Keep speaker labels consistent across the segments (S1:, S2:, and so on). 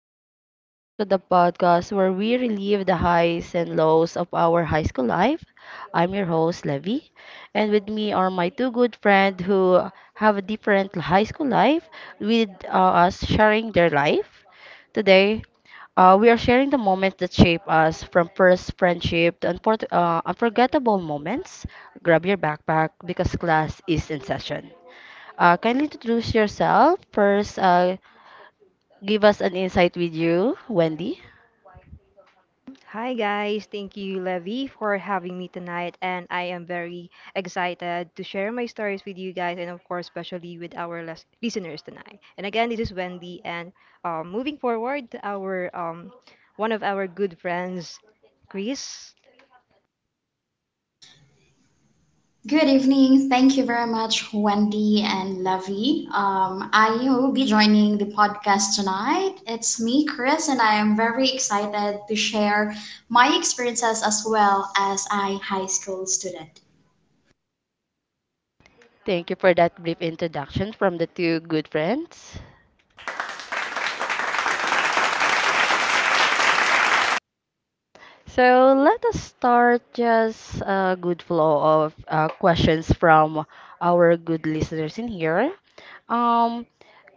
S1: everyone, welcome to the podcast where we relive the highs and lows of our high school life. I'm your host, Levy, and with me are my two good friends who have a different high school life with us sharing their life. Today, we are sharing the moments that shape us from first friendship to unforgettable moments. Grab your backpack because class is in session. Kindly introduce yourself. First, give us an insight with you, Wendy.
S2: Hi guys, thank you Levy for having me tonight, and I am very excited to share my stories with you guys, and of course especially with our listeners tonight. And again, this is Wendy, and moving forward to our one of our good friends, Chris.
S3: Good evening. Thank you very much, Wendy and Lavi. I will be joining the podcast tonight. It's me, Chris, and I am very excited to share my experiences as well as a high school student.
S1: Thank you for that brief introduction from the two good friends. So let us start just a good flow of questions from our good listeners in here. Um,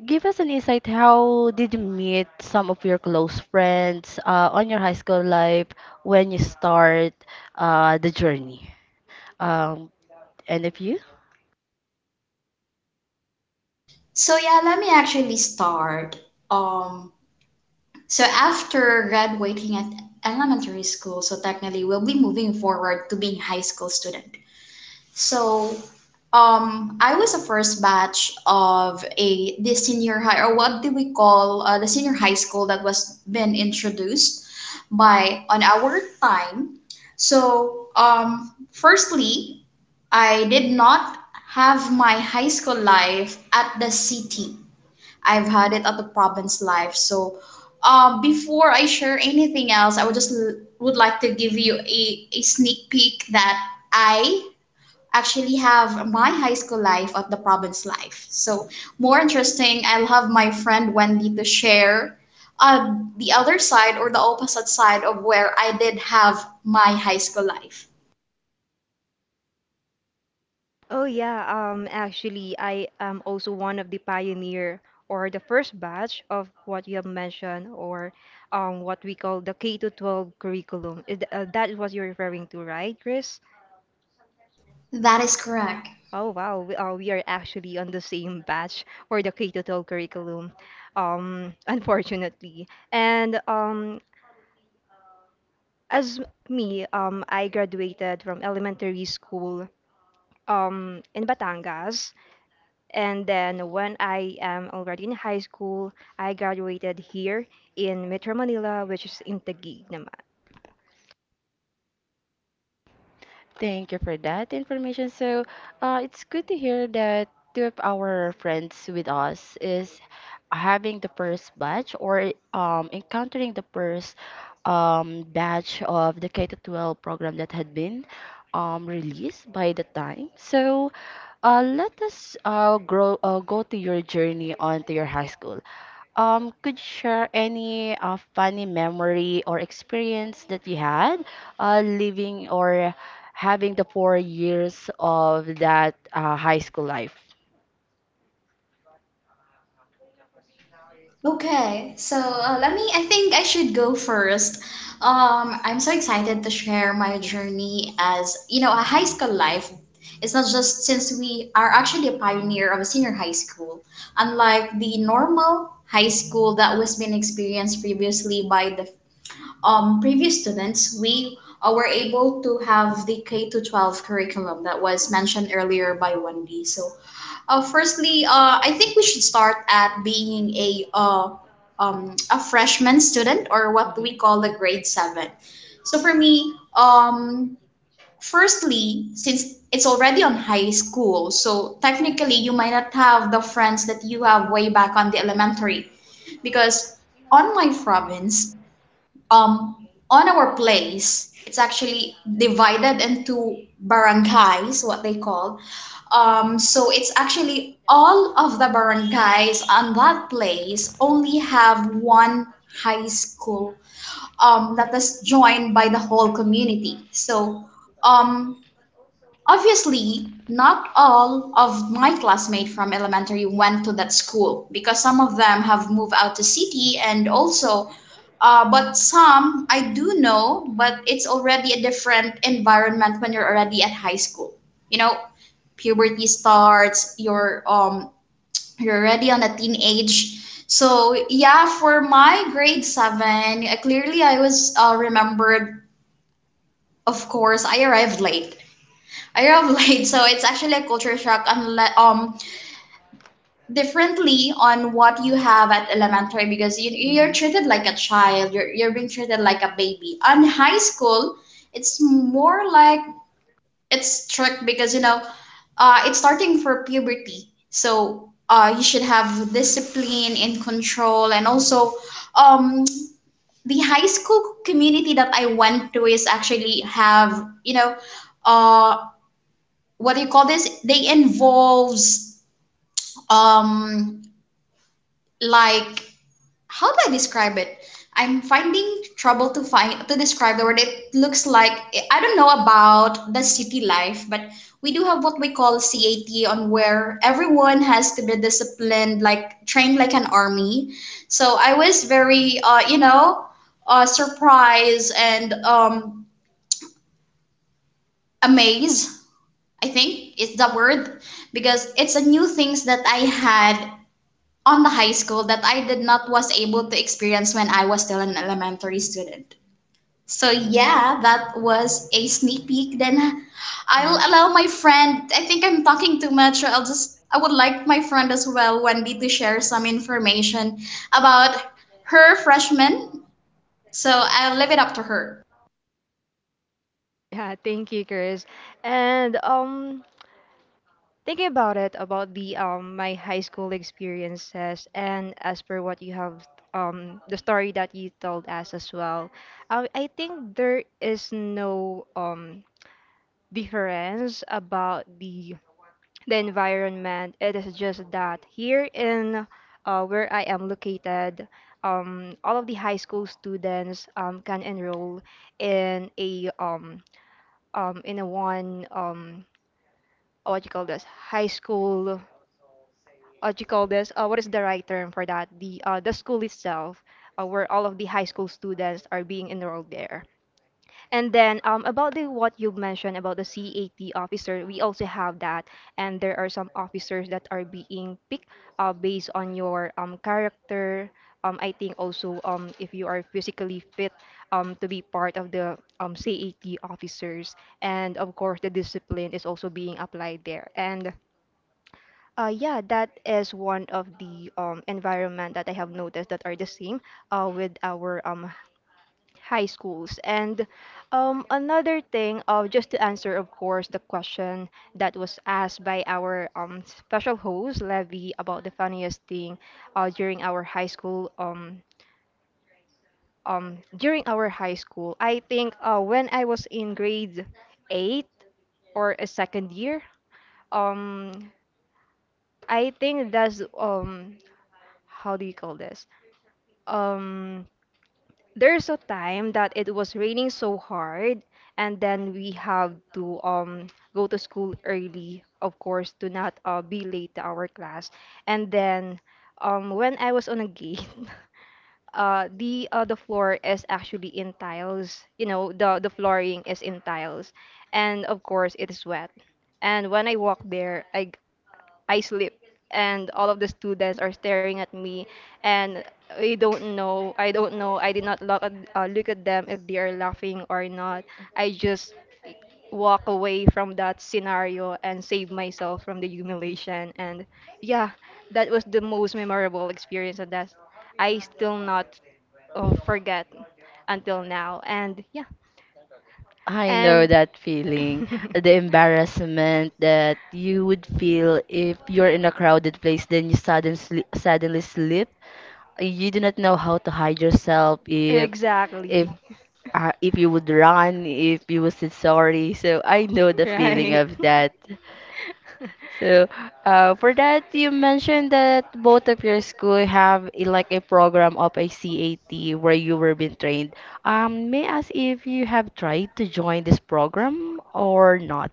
S1: Give us an insight. How did you meet some of your close friends on your high school life when you start the journey? Um, and if you?
S3: So yeah, let me actually start. Um, So after graduating at elementary school, so technically we'll be moving forward to being high school student. So I was a first batch of a the senior high or what do we call the senior high school that was been introduced by on our time. So firstly, I did not have my high school life at the city. I've had it at the province life. So, before I share anything else, I would just would like to give you a sneak peek that I actually have my high school life at the province life. So, more interesting, I'll have my friend Wendy to share uh, the other side or the opposite side of where I did have my high school life.
S2: Oh yeah, actually I am also one of the pioneer, or the first batch of what you have mentioned, or what we call the K to 12 curriculum. That is what you're referring to, right, Chris?
S3: That is correct.
S2: Oh wow, we are actually on the same batch for the K-12 to 12 curriculum, unfortunately. And as me, I graduated from elementary school in Batangas, and then when I am already in high school, I graduated here in Metro Manila, which is in Taguig naman.
S1: Thank you for that information. So it's good to hear that two of our friends with us is having the first batch or encountering the first batch of the K to 12 program that had been released by the time. So let us grow go to your journey onto your high school. Could you share any funny memory or experience that you had living or having the four years of that high school life?
S3: Okay, so let me. I think I should go first. I'm so excited to share my journey as a high school life. It's not just since we are actually a pioneer of a senior high school, unlike the normal high school that was being experienced previously by the previous students, we were able to have the K to 12 curriculum that was mentioned earlier by Wendy. So, firstly, I think we should start at being a freshman student or what we
S1: Mm-hmm.
S3: call the grade seven. So for me, firstly, since it's already on high school, so technically you might not have the friends that you have way back on the elementary, because on my province, um, on our place, it's actually divided into barangays, what they call. So it's actually all of the barangays on that place only have one high school that is joined by the whole community. So um, Obviously not all of my classmates from elementary went to that school because some of them have moved out to city and also but some I do know, but it's already a different environment when you're already at high school. You know, puberty starts, you're already on a teenage. So yeah, for my grade 7 clearly I was remembered, of course, I arrived late. I arrived late, so it's actually a culture shock unless differently on what you have at elementary because you're
S1: Mm-hmm.
S3: treated like a child, you're being treated like a baby on high school. It's more like it's strict because it's starting for puberty, so you should have discipline and control, and also um, the high school community that I went to is actually have you know uh what do you call this, they involves um like how do I describe it? I'm finding trouble to find to describe the word. It looks like I don't know about the city life, but we do have what we call CAT on where everyone has to be disciplined, like trained like an army. So I was very, surprised and amazed, I think it's the word, because it's a new things that I had on the high school that I did not was able to experience when I was still an elementary student. So yeah, that was a sneak peek. Then I'll
S1: Mm-hmm.
S3: allow my friend. I think I'm talking too much, so I would like my friend as well, Wendy, to share some information about her freshman. So I'll leave it up to her.
S2: Yeah, thank you, Chris. And thinking about it, about the my high school experiences, and as per what you have the story that you told us as well, I think there is no difference about the environment. It is just that here in where I am located, all of the high school students can enroll in a one what you call this high school, what you call this, what is the right term for that, the school itself, where all of the high school students are being enrolled there. And then about the what you mentioned about the CAT officer, we also have that, and there are some officers that are being picked based on your character. I think also, if you are physically fit to be part of the CAT officers, and of course the discipline is also being applied there. And yeah, that is one of the environment that I have noticed that are the same with our high schools. And another thing, just to answer, of course, the question that was asked by our special host, Levy, about the funniest thing during our high school. During our high school, I think when I was in grade eight, or a second year, um, I think that's how do you call this? Um, there's a time that it was raining so hard, and then we have to go to school early, of course, to not be late to our class. And then when I was on a gate, the floor is actually in tiles, you know, the flooring is in tiles, and of course it is wet. And when I walked there, I sleep, and all of the students are staring at me. And we don't know, I don't know, I did not look at, look at them if they are laughing or not. I just walk away from that scenario and save myself from the humiliation. And yeah, that was the most memorable experience, and that I still not forget until now. And yeah,
S1: I know
S2: and
S1: that feeling, the embarrassment that you would feel if you're in a crowded place, then you suddenly slip. You do not know how to hide yourself if
S2: exactly.
S1: if you would run, if you would say sorry. So I know the feeling
S2: Right.
S1: of that. So, for that, you mentioned that both of your school have a, like a program of a CAT where you were being trained. May I ask if you have tried to join this program or not?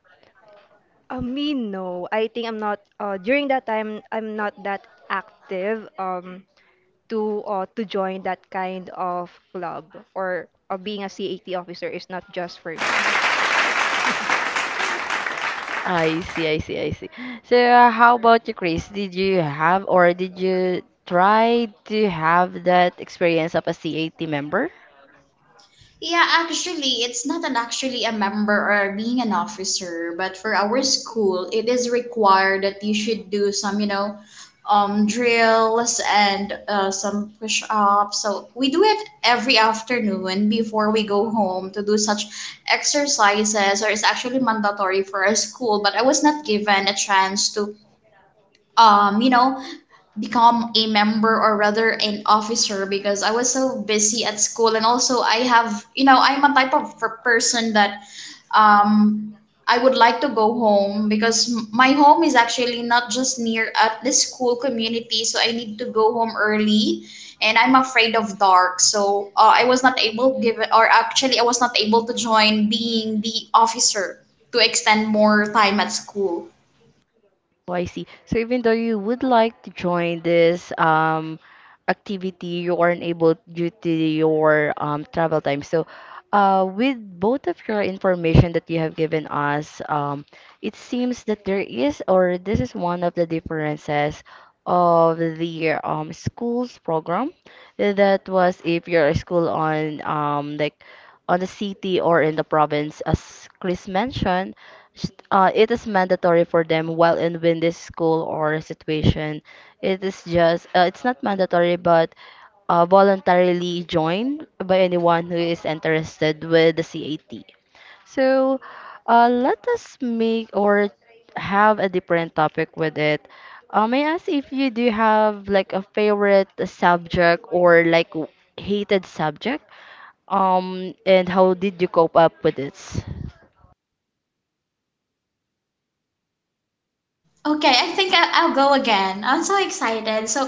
S2: Me, no. I think I'm not. During that time, I'm not that active. To join that kind of club, or being a CAT officer is not just for me.
S1: I see, I see, I see. So, how about you, Chris? Did you have or did you try to have that experience of a CAT member?
S3: Yeah, actually, it's not an actually a member or being an officer, but for our school, it is required that you should do some, drills and some push ups. So we do it every afternoon before we go home to do such exercises, or it's actually mandatory for our school. But I was not given a chance to um, you know, become a member or rather an officer because I was so busy at school, and also I have I'm a type of person that I would like to go home because my home is actually not just near at the school community, so I need to go home early, and I'm afraid of dark, so I was not able give, or actually I was not able to join being the officer to extend more time at school.
S1: Oh, I see. So even though you would like to join this activity, you aren't able due to your travel time. So with both of your information that you have given us, it seems that there is, or this is one of the differences of the school's program. That was if you're a school on like on the city or in the province, as Chris mentioned it is mandatory for them while in within this school or situation. It is just it's not mandatory, but voluntarily joined by anyone who is interested with the CAT. So, let us make or have a different topic with it. May I ask if you do have like a favorite subject or like hated subject? And how did you cope up with it?
S3: Okay, I think I'll go again. I'm so excited. So,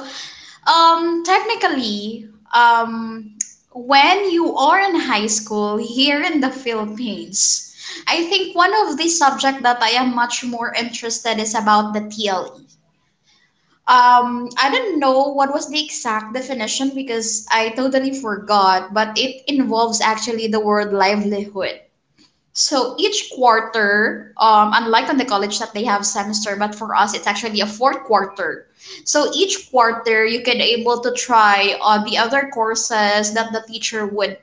S3: technically, um, when you are in high school here in the Philippines, I think one of the subject that I am much more interested is about the TLE. I don't know what was the exact definition because I totally forgot, but it involves actually the word livelihood. So each quarter, unlike on the college that they have semester, but for us it's actually a fourth quarter. So each quarter you can able to try the other courses that the teacher would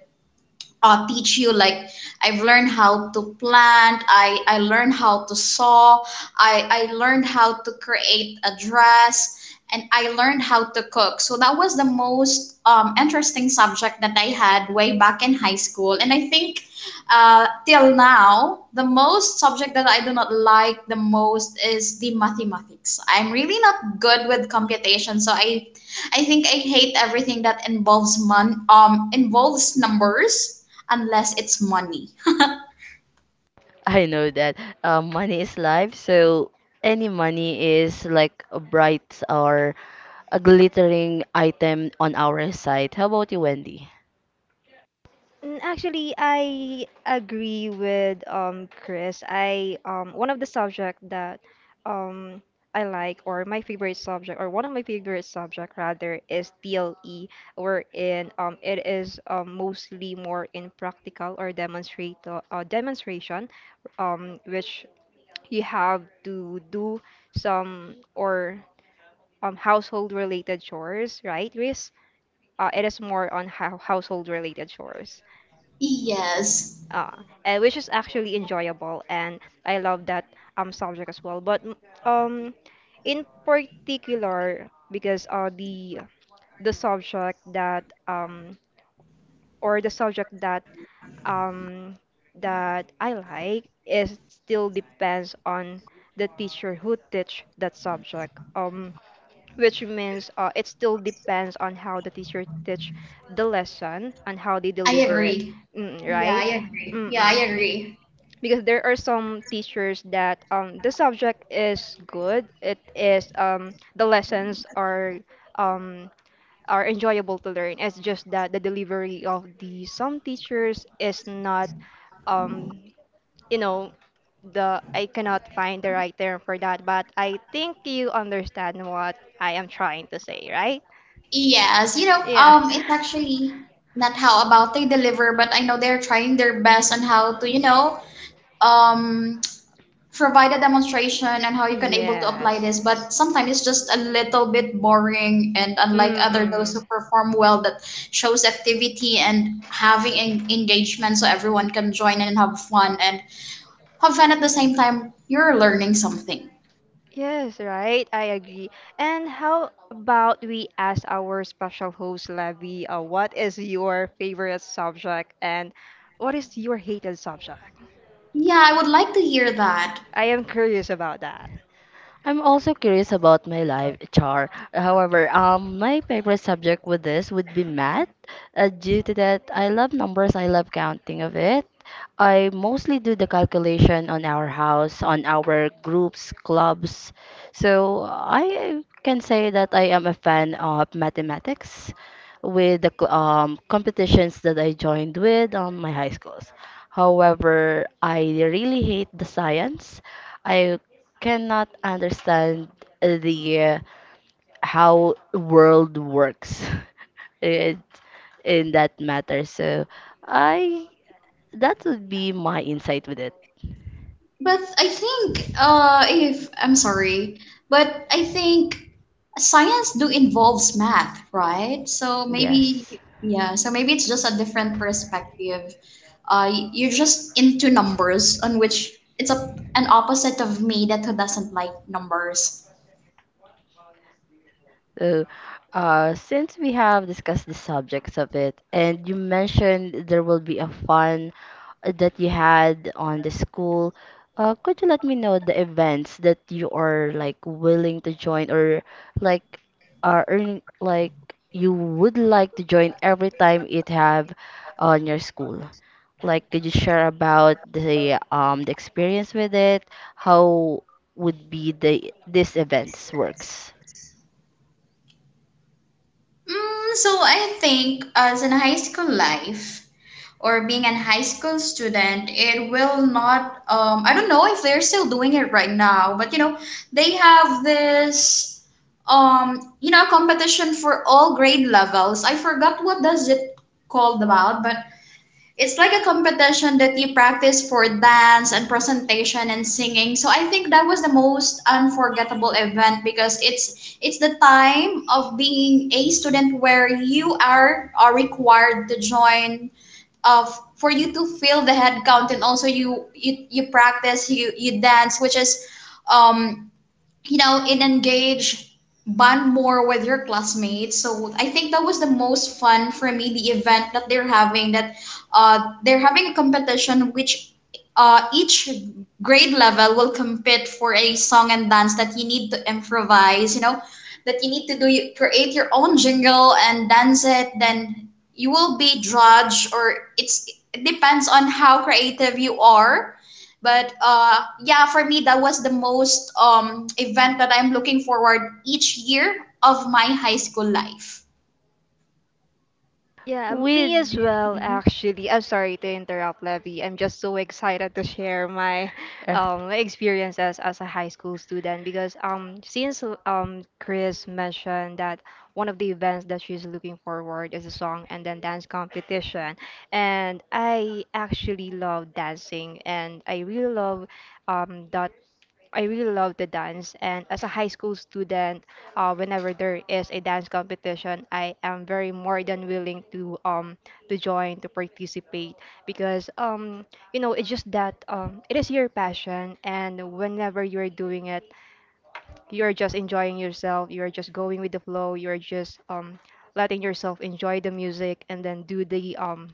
S3: teach you like I've learned how to plant, I learned how to sew, I learned how to create a dress, and I learned how to cook. So that was the most interesting subject that I had way back in high school. And I think till now, the most subject that I do not like the most is the mathematics. I'm really not good with computation, so I think I hate everything that involves mon involves numbers unless it's money.
S1: I know that money is life, so any money is like a bright or a glittering item on our side. How about you, Wendy?
S2: Mm, actually, I agree with Chris. I, one of the subject that um I like, or my favorite subject, or one of my favorite subject rather, is TLE, wherein it is mostly more in practical or demonstrate uh, demonstration, which you have to do some, or household related chores, right, Chris? It is more on how household related chores.
S3: Yes.
S2: Ah, which is actually enjoyable, and I love that subject as well. But um, in particular, because the subject that or the subject that um that I like is still depends on the teacher who teach that subject. Which means it still depends on how the teacher teach the lesson and how they
S3: I
S2: deliver it,
S3: agree. Yeah,
S2: right?
S3: I agree. Yeah, I
S2: Mm-mm,
S3: agree.
S2: because there are some teachers that the subject is good, it is the lessons are, um enjoyable to learn. It's just that the delivery of the some teachers is not, um you know the I cannot find the right term for that, but I think you understand what I am trying to say, right?
S3: Yes, you know,
S2: Yeah.
S3: it's actually not how about they deliver, but I know they're trying their best on how to, um, provide a demonstration on how you can able to apply
S2: Yes.
S3: this. But sometimes it's just a little bit boring, and unlike
S2: Mm.
S3: other those who
S2: Mm.
S3: perform well, that shows activity and having engagement, so everyone can join and have fun at the same time. You're learning something.
S2: Yes, right. I agree. And how about we ask our special host, Levy, what is your favorite subject and what is your hated subject?
S3: Yeah, I would like to hear that.
S2: I am curious about that.
S1: I'm also curious about my life, Char. However, my favorite subject with this would be math, due to that I love numbers, I love counting of it. I mostly do the calculation on our house, on our groups, clubs. So I can say that I am a fan of mathematics with the competitions that I joined with on my high schools. However, I really hate the science. I cannot understand the how world works it, in that matter. So I that would be my insight with it.
S3: But I think if I'm sorry, but I think science do involves math, right?
S1: Yes.
S3: Yes. Yeah, so maybe it's just a different perspective. You're just into numbers, on which it's a an opposite of me that who doesn't like numbers.
S1: So since we have discussed the subjects of it, and you mentioned there will be a fun that you had on the school. Could you let me know the events that you are like willing to join or like are earning like you would like to join every time it have on your school? Like, could you share about the experience with it? How would be the these events works?
S3: So I think as in high school life, or being an high school student, it will not. I don't know if they're still doing it right now, but they have this competition for all grade levels, I forgot what does it called about, but it's like a competition that you practice for dance and presentation and singing. So I think that was the most unforgettable event because it's the time of being a student where you are required to join of for you to fill the head count, and also you practice, you dance, which is um and engage, bond more with your classmates. So I think that was the most fun for me, the event that they're having, that they're having a competition which each grade level will compete for a song and dance that you need to improvise, that you need to do, you create your own jingle and dance it, then you will be judged, or it's it depends on how creative you are. But yeah, for me that was the most event that I'm looking forward each year of my high school life.
S2: Yeah, me as
S1: With.
S2: well,
S1: Mhm.
S2: actually. I'm sorry to interrupt, Levy. I'm just so excited to share my
S1: Uh,
S2: my experiences as a high school student, because since Chris mentioned that one of the events that she's looking forward is a song and then dance competition. And I actually love dancing, and I really love, that I really love the dance. And as a high school student, whenever there is a dance competition, I am very more than willing to, join, to participate, because it's just that it is your passion. And whenever you're doing it, you're just enjoying yourself, you're just going with the flow, you're just, letting yourself enjoy the music, and then do the um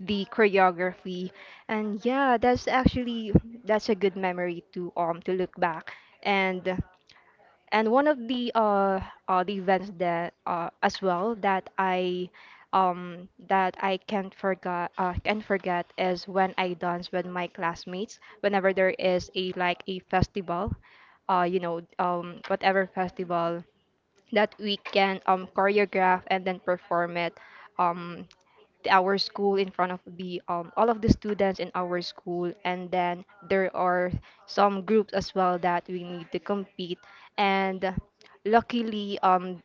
S2: the choreography. And yeah, that's actually, that's a good memory to to look back. And one of the the events that as well that I, that I can't forget, can forget, is when I dance with my classmates whenever there is a, like a festival, whatever festival that we can choreograph and then perform it um, to our school, in front of the all of the students in our school. And then there are some groups as well that we need to compete. And luckily,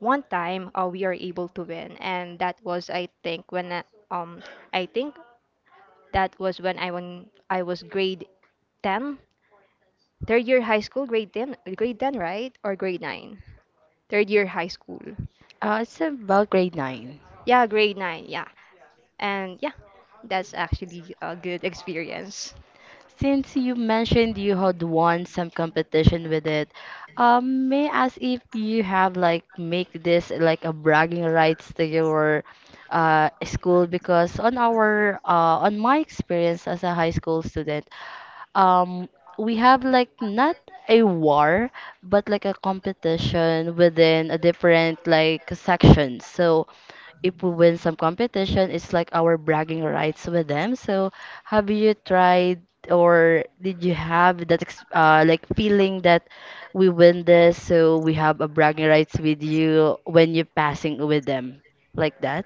S2: one time, we are able to win. And that was, I think, when um, I think that was when I was grade 10, third year high school, grade 10, grade 10, right? Or grade 9, third year high school.
S1: it's about grade 9.
S2: Yeah, grade nine. Yeah. And yeah, that's actually a good experience.
S1: Since you mentioned you had won some competition with it, may I ask if you have like make this like a bragging rights to your school? Because on our on my experience as a high school student, um we have like not a war but like a competition within a different like section, so if we win some competition it's like our bragging rights with them. So have you tried or did you have that like feeling that we win this so we have a bragging rights with you when you're passing with them, like that?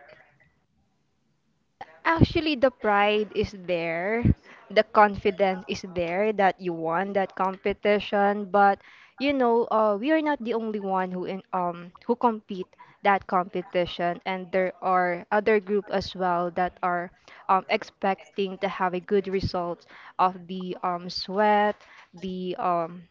S2: Actually, the pride is there, the confidence is there that you won that competition. But you know, we are not the only one who, who compete that competition, and there are other group as well that are expecting to have a good result of the sweat, the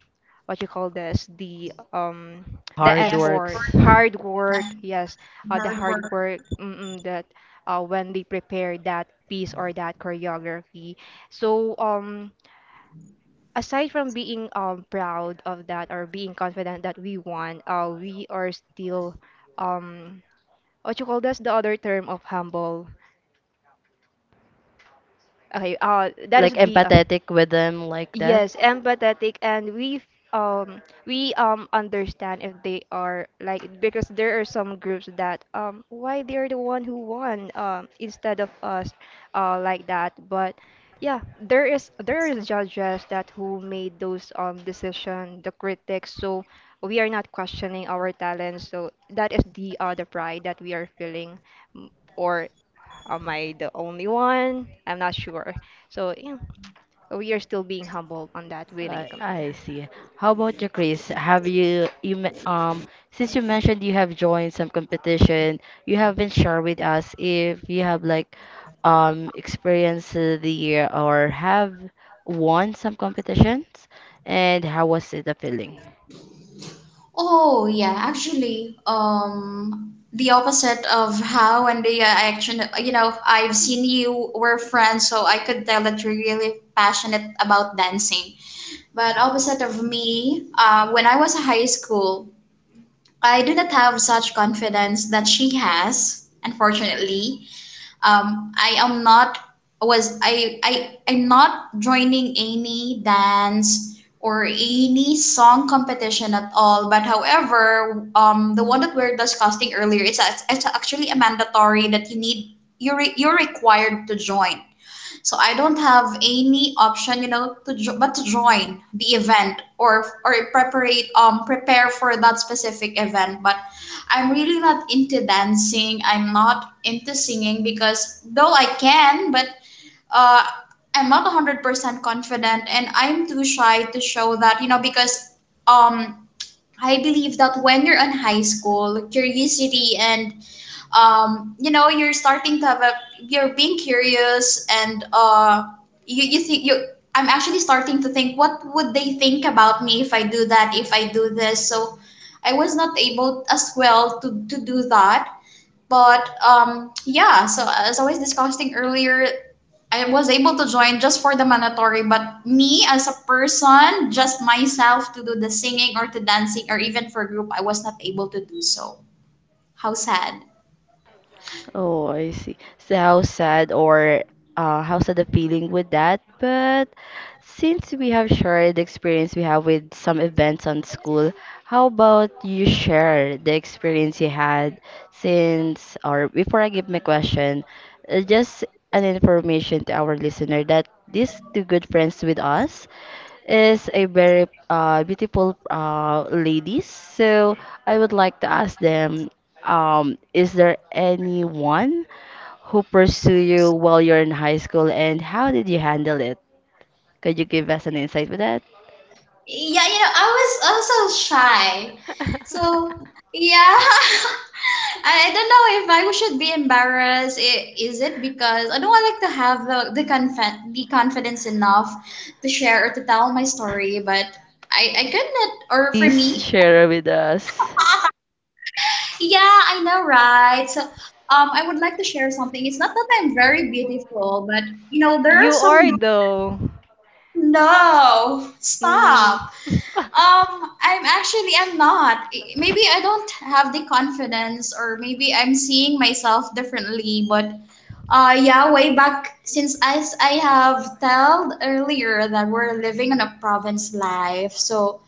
S2: what you call this, the the
S3: The
S1: Hard
S2: effort,
S1: works.
S3: effort,
S2: hard
S3: yeah.
S2: work.
S3: Hard,
S2: Yes,
S3: yes, the
S2: the
S3: hard
S2: hard
S3: work.
S2: work, mm-mm, the when they prepare that piece or that choreography. So, aside from being proud of that, or being confident that we won, we are still, um, what you call, that's the other term of humble. Okay, that
S1: Like
S2: is the
S1: empathetic with them like that.
S2: yes, empathetic. And we understand if they are like, because there are some groups that, why they're the one who won instead of us, like that. But yeah, there is judges that who made those decision, the critics. So, we are not questioning our talents. So that is the the pride that we are feeling. M- Or am I the only one? I'm not sure. So yeah, we are still being humbled on that winning
S1: I
S2: com-
S1: I see. How about you, Chris? Have you, you me- since you mentioned you have joined some competition, you haven't shared with us if you have like experienced the year or have won some competitions, and how was it the feeling?
S3: Oh yeah, actually, the opposite of how and the action. You know, I've seen you were friends, so I could tell that you're really passionate about dancing. But opposite of me, when I was in high school, I do not have such confidence that she has, unfortunately. I am not was I I'm not joining any dance or any song competition at all. But however, the one that we're discussing earlier, it's actually a mandatory that you're required to join, so I don't have any option, to but to join the event or prepare prepare for that specific event. But I'm really not into dancing. I'm not into singing because though I can, but uh, I'm not 100% confident, and I'm too shy to show that, because um I believe that when you're in high school, curiosity and you're starting to have a, you're being curious, and you think you. I'm actually starting to think what would they think about me if I do that, if I do this. So, I was not able as well to do that. But as I was discussing earlier, I was able to join just for the mandatory, but me as a person, just myself to do the singing or to dancing or even for group, I was not able to do so. How sad.
S1: Oh, I see. So how sad or how sad the feeling with that. But since we have shared the experience we have with some events on school, how about you share the experience you had since, or before I give my question, just an information to our listener that these two good friends with us is a very beautiful ladies. So I would like to ask them is there anyone who pursued you while you're in high school, and how did you handle it? Could you give us an insight with that?
S3: Yeah, you know I was also shy
S2: an
S3: so yeah, I don't know if I should be embarrassed is it because I don't want like to have the confidence enough to share or to tell my story but I couldn't or for
S1: Please
S3: me
S1: share
S3: us.
S1: with us.
S3: yeah I know right so I would like to share something. It's not that I'm very beautiful, but you know, there are
S2: You
S3: some.
S2: are though.
S3: No,
S2: Mm.
S3: stop. Um, I'm actually I'm not. Maybe I don't have the confidence or maybe I'm seeing myself differently, but yeah, way back since as I have told earlier that we're living on a province life. So,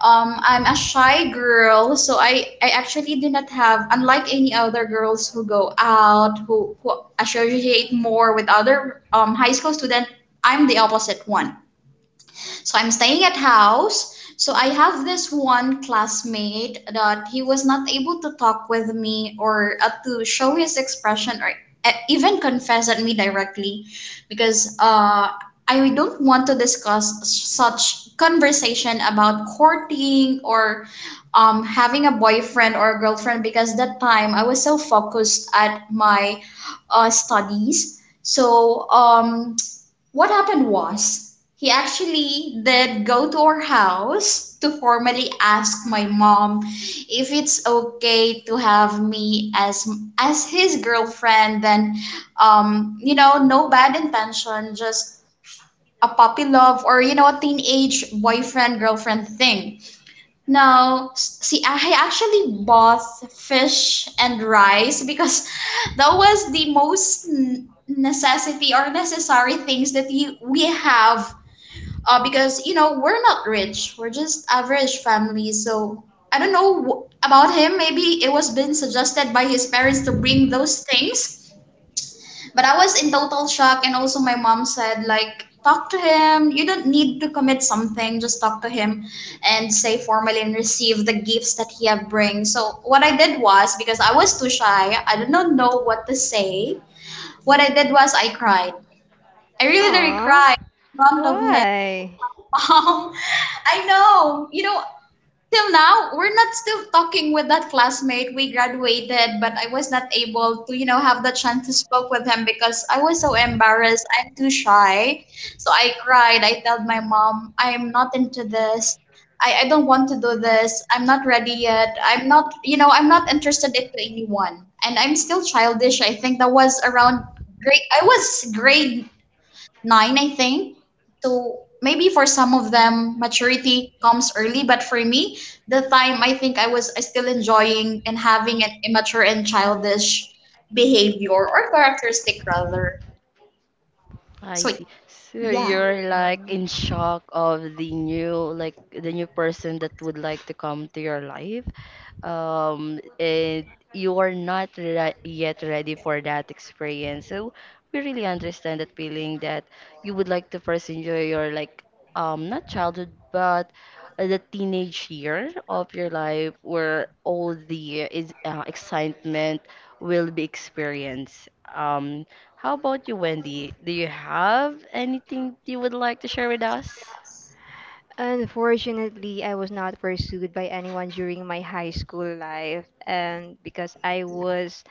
S3: I'm a shy girl, so I actually do not have unlike any other girls who go out, who associate more with other high school student. I'm the opposite one, so I'm staying at house. So I have this one classmate that he was not able to talk with me or to show his expression or even confess at me directly because I don't want to discuss such conversation about courting or having a boyfriend or a girlfriend because that time I was so focused at my studies. So what happened was he actually did go to our house to formally ask my mom if it's okay to have me as his girlfriend. Then you know no bad intention, just a puppy love or you know a teenage boyfriend girlfriend thing. No, see, I actually bought fish and rice because that was the most necessity or necessary things that you, we have. Because, you know, we're not rich, we're just average family. So I don't know about him. Maybe it was been suggested by his parents to bring those things. But I was in total shock, and also my mom said, like, talk to him. You don't need to commit something. Just talk to him and say formally and receive the gifts that he have bring. So what I did was because I was too shy, I did not know what to say. What I did was I cried. I really, really
S2: Aw.
S3: cried in front of him and then
S2: Why?
S3: my mom. I know, you know, till now we're not still talking with that classmate. We graduated, but I was not able to, you know, have the chance to spoke with him because I was so embarrassed. I'm too shy. So I cried. I told my mom, I'm not into this. I don't want to do this. I'm not ready yet. I'm not, you know, I'm not interested into anyone. And I'm still childish. I think that was around grade nine, I think. So maybe for some of them, maturity comes early. But for me, the time I think I was I still enjoying and having an immature and childish behavior or characteristic rather.
S1: I
S3: So
S1: see. So
S3: yeah.
S1: you're like in shock of the new like the new person that would like to come to your life. And you are not re yet ready for that experience. So we really understand that feeling that you would like to first enjoy your like not childhood but the teenage year of your life where all the is excitement will be experienced. How about you, Wendy? Do you have anything you would like to share with us?
S2: Unfortunately, I was not pursued by anyone during my high school life, and because I was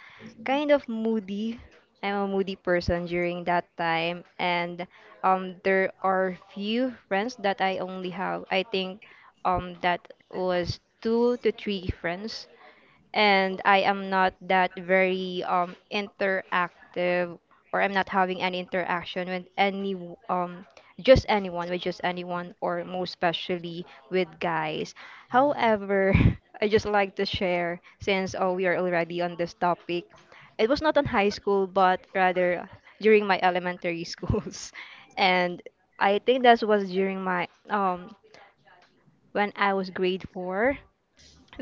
S2: kind of moody, I'm a moody person during that time. And there are few friends that I only have. I think, that was two to three friends, and I am not that very interactive, or I'm not having any interaction with any, um just anyone, or most especially with guys. However, I just like to share, since, oh, we are already on this topic. It was not on high school, but rather during my elementary schools. And I think that was during my when I was grade 4.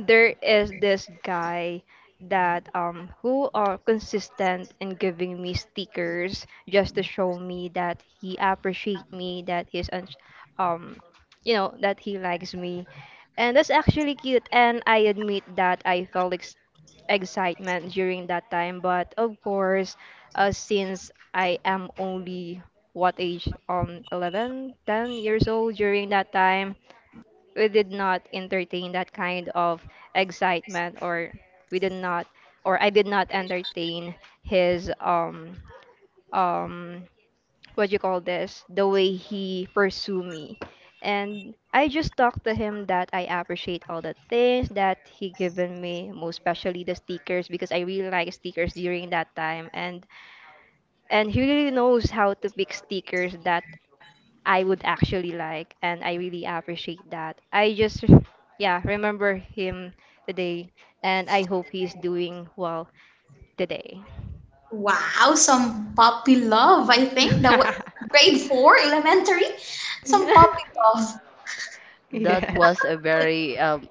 S2: There is this guy that who are consistent in giving me stickers, just to show me that he appreciate me, that um you know that he likes me. And that's actually cute, and I admit that I felt excitement during that time. But of course, since I am only what age, 11, 10 years old during that time, we did not entertain that kind of excitement, or we did not, or I did not entertain his um what you call this, the way he pursue me. And I just talked to him that I appreciate all the things that he given me, most especially the stickers, because I really like stickers during that time. And he really knows how to pick stickers that I would actually like, and I really appreciate that. I just, yeah, remember him today, and I hope he's doing well today.
S3: Wow, some puppy love. I think that was grade four elementary. Some puppy love.
S1: That
S3: That was
S2: Yes.
S1: was a
S3: so
S1: very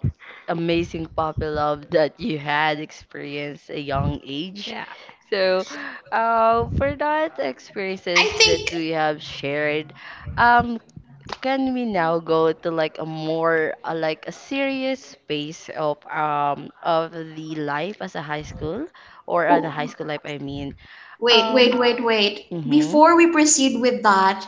S1: amazing puppy love that you had experienced a young age.
S2: Yeah.
S1: So, for that experiences that we have shared, um, can we now go to like a more like a serious space of the life as a high school or the
S3: Oh,
S1: high school life? I mean,
S3: wait,
S1: um,
S3: wait, wait, wait.
S1: mm-hmm.
S3: Before we proceed with that,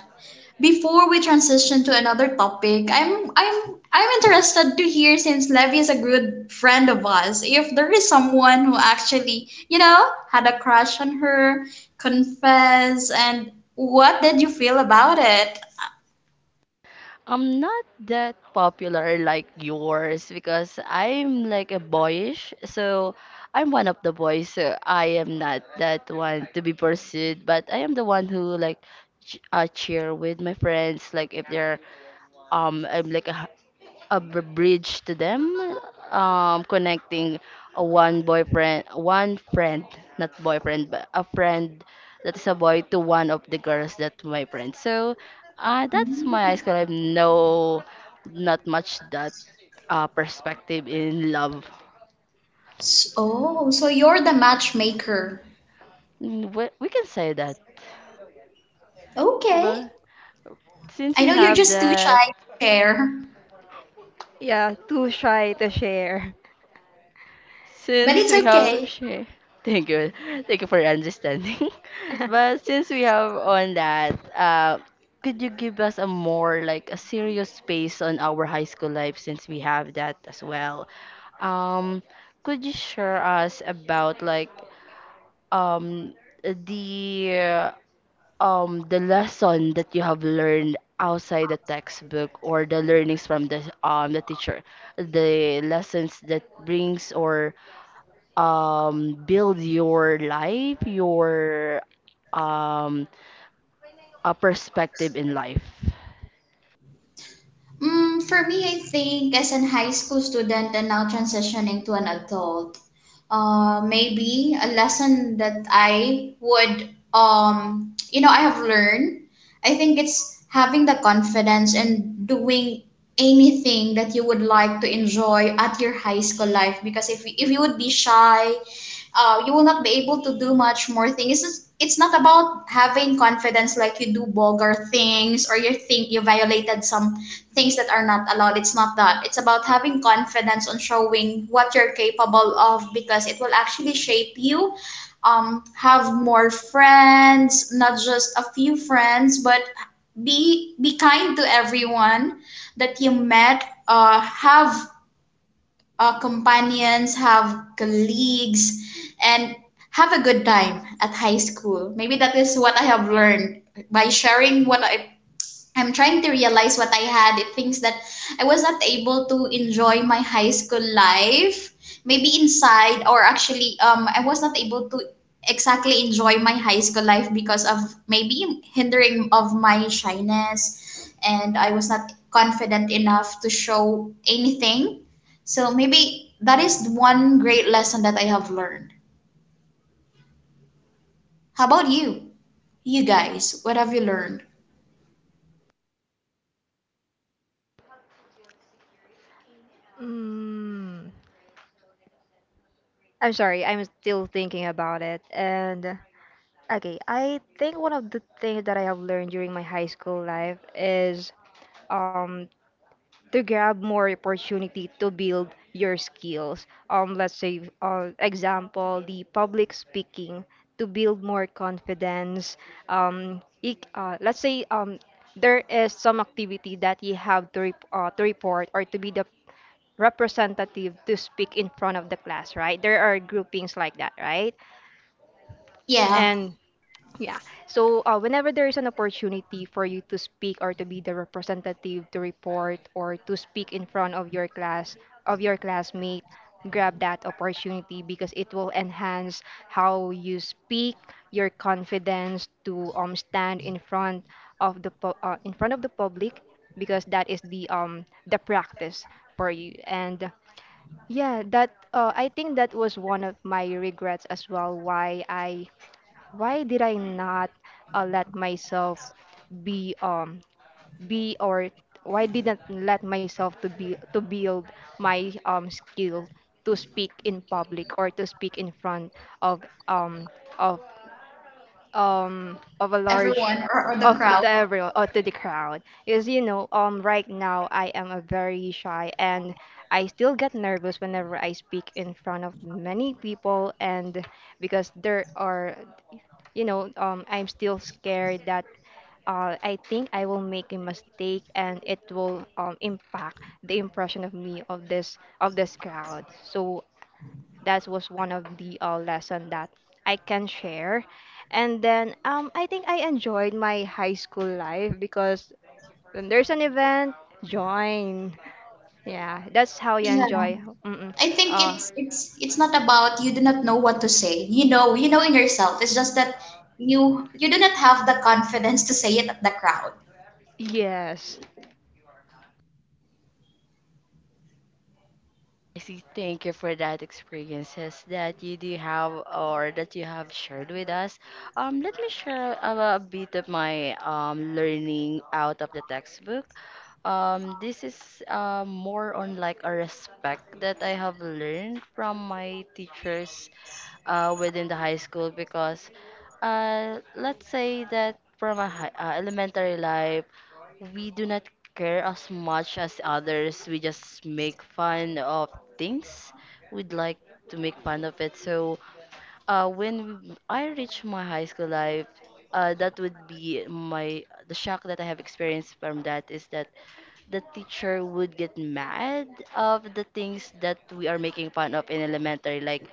S3: before we transition to another topic, I'm interested to hear since Levy is a good friend of us, if there is someone who actually, you know, had a crush on her, confess, and what did you feel about it?
S1: I'm not that popular like yours because I'm like a boyish, so I'm one of the boys, so I am not that one to be pursued, but I am the one who like cheer with my friends, like if they're I'm like a bridge to them, connecting a one boyfriend, one friend, not boyfriend, but a friend that is a boy to one of the girls that my friend. So,
S3: Mm.
S1: that's my high
S3: S-
S1: school. I have no, not much that perspective in love.
S3: Oh, so you're the matchmaker.
S1: Mm, we can say that,
S3: Okay.
S1: but since
S3: I
S1: we
S3: know you're
S1: have
S3: just too
S1: that,
S3: shy to share.
S2: Yeah, too shy to share.
S3: But
S1: since
S3: it's
S1: we
S3: okay.
S1: have share, thank you, thank you for understanding. But since we have on that, could you give us a more like a serious space on our high school life since we have that as well? Um, could you share us about like um the the lesson that you have learned outside the textbook or the learnings from the teacher, the lessons that brings or build your life, your um, a perspective in life.
S3: Mm, for me, I think as an high school student and now transitioning to an adult, maybe a lesson that you know, I have learned, I think it's having the confidence and doing anything that you would like to enjoy at your high school life because if you would be shy you will not be able to do much more things. It's not about having confidence like you do vulgar things or you think you violated some things that are not allowed. It's not that. It's about having confidence on showing what you're capable of because it will actually shape you. Have more friends, not just a few friends, but be kind to everyone that you met. Have our companions, have colleagues, and have a good time at high school. Maybe that is what I have learned by sharing what I'm trying to realize what I had. It things that I was not able to enjoy my high school life. Maybe inside or actually I was not able to exactly enjoy my high school life because of maybe hindering of my shyness, and I was not confident enough to show anything. So maybe that is one great lesson that I have learned. How about you? You guys, what have you learned?
S2: Mm, I'm sorry, I'm still thinking about it. And okay, I think one of the things that I have learned during my high school life is, um, to grab more opportunity to build your skills. Let's say, example, the public speaking, to build more confidence. Let's say, there is some activity that you have to report, or to be the representative to speak in front of the class, right? There are groupings like that, right?
S3: Yeah.
S2: And yeah. So whenever there is an opportunity for you to speak, or to be the representative to report or to speak in front of your class, of your classmate, grab that opportunity, because it will enhance how you speak, your confidence to stand in front of the public because that is the the practice for you. And yeah, that, I think that was one of my regrets as well, why did I not let myself be um be, or why didn't let myself to build my skill, to speak in public, or to speak in front of um of of a large, of to everyone, or to the crowd. Because right now I am a very shy, and I still get nervous whenever I speak in front of many people. And because there are, I'm still scared that, I think I will make a mistake, and it will, impact the impression of me, of this crowd. So that was one of the lesson that I can share. And then I think I enjoyed my high school life, because when there's an event, join. Yeah, that's how you enjoy. Mm-mm.
S3: I think
S2: Uh,
S3: it's not about you do not know what to say. You know in yourself. It's just that you do not have the confidence to say it at the crowd.
S2: yes.
S1: I see. Thank you for that experiences that you do have or that you have shared with us. Let me share a bit of my learning out of the textbook. This is more on like a respect that I have learned from my teachers within the high school because let's say that from a elementary life we do not care as much as others. We just make fun of things. We'd like to make fun of it. So, when I reach my high school life, that would be my the shock that I have experienced from that is that the teacher would get mad of the things that we are making fun of in elementary. Like,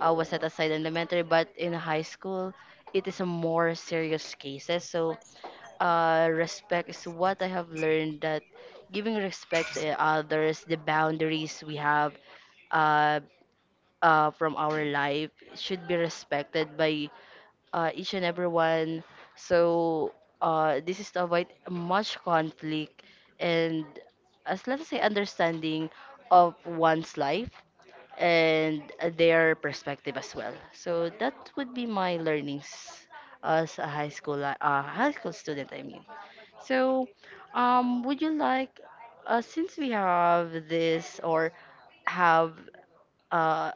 S1: was set aside in elementary, but in high school, it is a more serious cases. So respect is what I have learned that giving respect to others, the boundaries we have uh, from our life should be respected by each and everyone. So this is to avoid much conflict and as let us say understanding of one's life and their perspective as well. So that would be my learnings as a high school student. I mean. So, would you like, since we have this or have uh,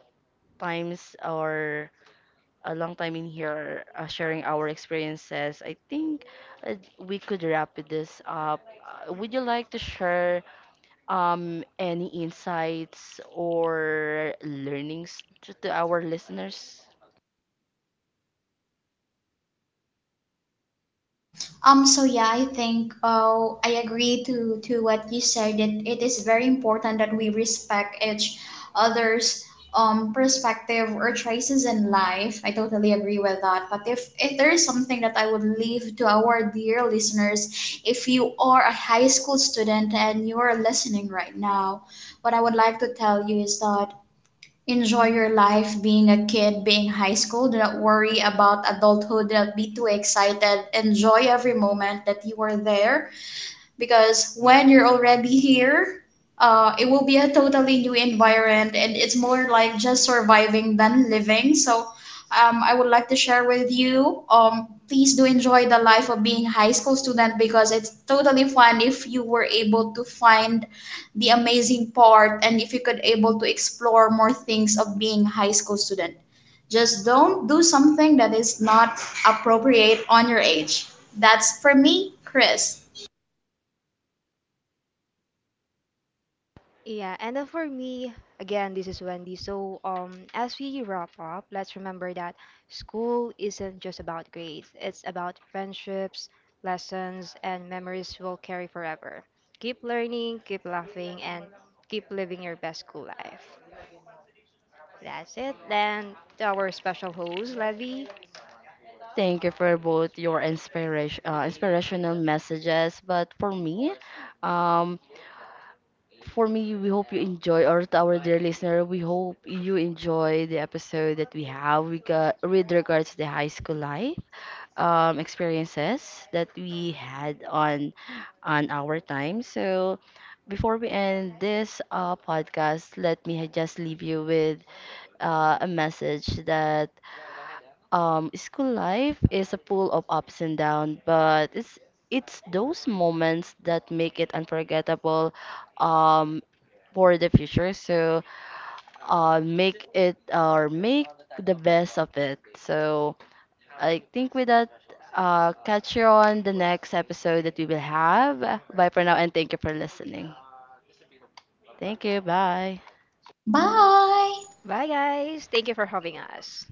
S1: times or a long time in here sharing our experiences, I think we could wrap this up. Would you like to share any insights or learnings to our listeners?
S3: So yeah, I think I agree to what you said, that it is very important that we respect each other's perspective or choices in life. I totally agree with that. But if there is something that I would leave to our dear listeners, if you are a high school student and you are listening right now, what I would like to tell you is that enjoy your life being a kid, being high school. Do not worry about adulthood. Do not be too excited. Enjoy every moment that you are there because when you're already here, it will be a totally new environment and it's more like just surviving than living. So I would like to share with you. Please do enjoy the life of being a high school student because it's totally fun if you were able to find the amazing part and if you could able to explore more things of being a high school student. Just don't do something that is not appropriate on your age. That's for me, Chris.
S2: Yeah, and then for me, again, this is Wendy. So, as we wrap up, let's remember that school isn't just about grades. It's about friendships, lessons, and memories we'll carry forever. Keep learning, keep laughing, and keep living your best school life. That's it. Then to our special host, Levy.
S1: Thank you for both your inspiration, inspirational messages. But for me, um, we hope you enjoy, or to our dear listener, we hope you enjoy the episode that we have we got, with regards to the high school life experiences that we had on our time. So, before we end this podcast, let me just leave you with a message that school life is a pool of ups and downs, but it's those moments that make it unforgettable um, for the future. So make it or make the best of it. So I think with that, catch you on the next episode that we will have. Bye for now, and thank you for listening. Thank you. Bye.
S3: Bye.
S2: Bye, guys. Thank you for having us.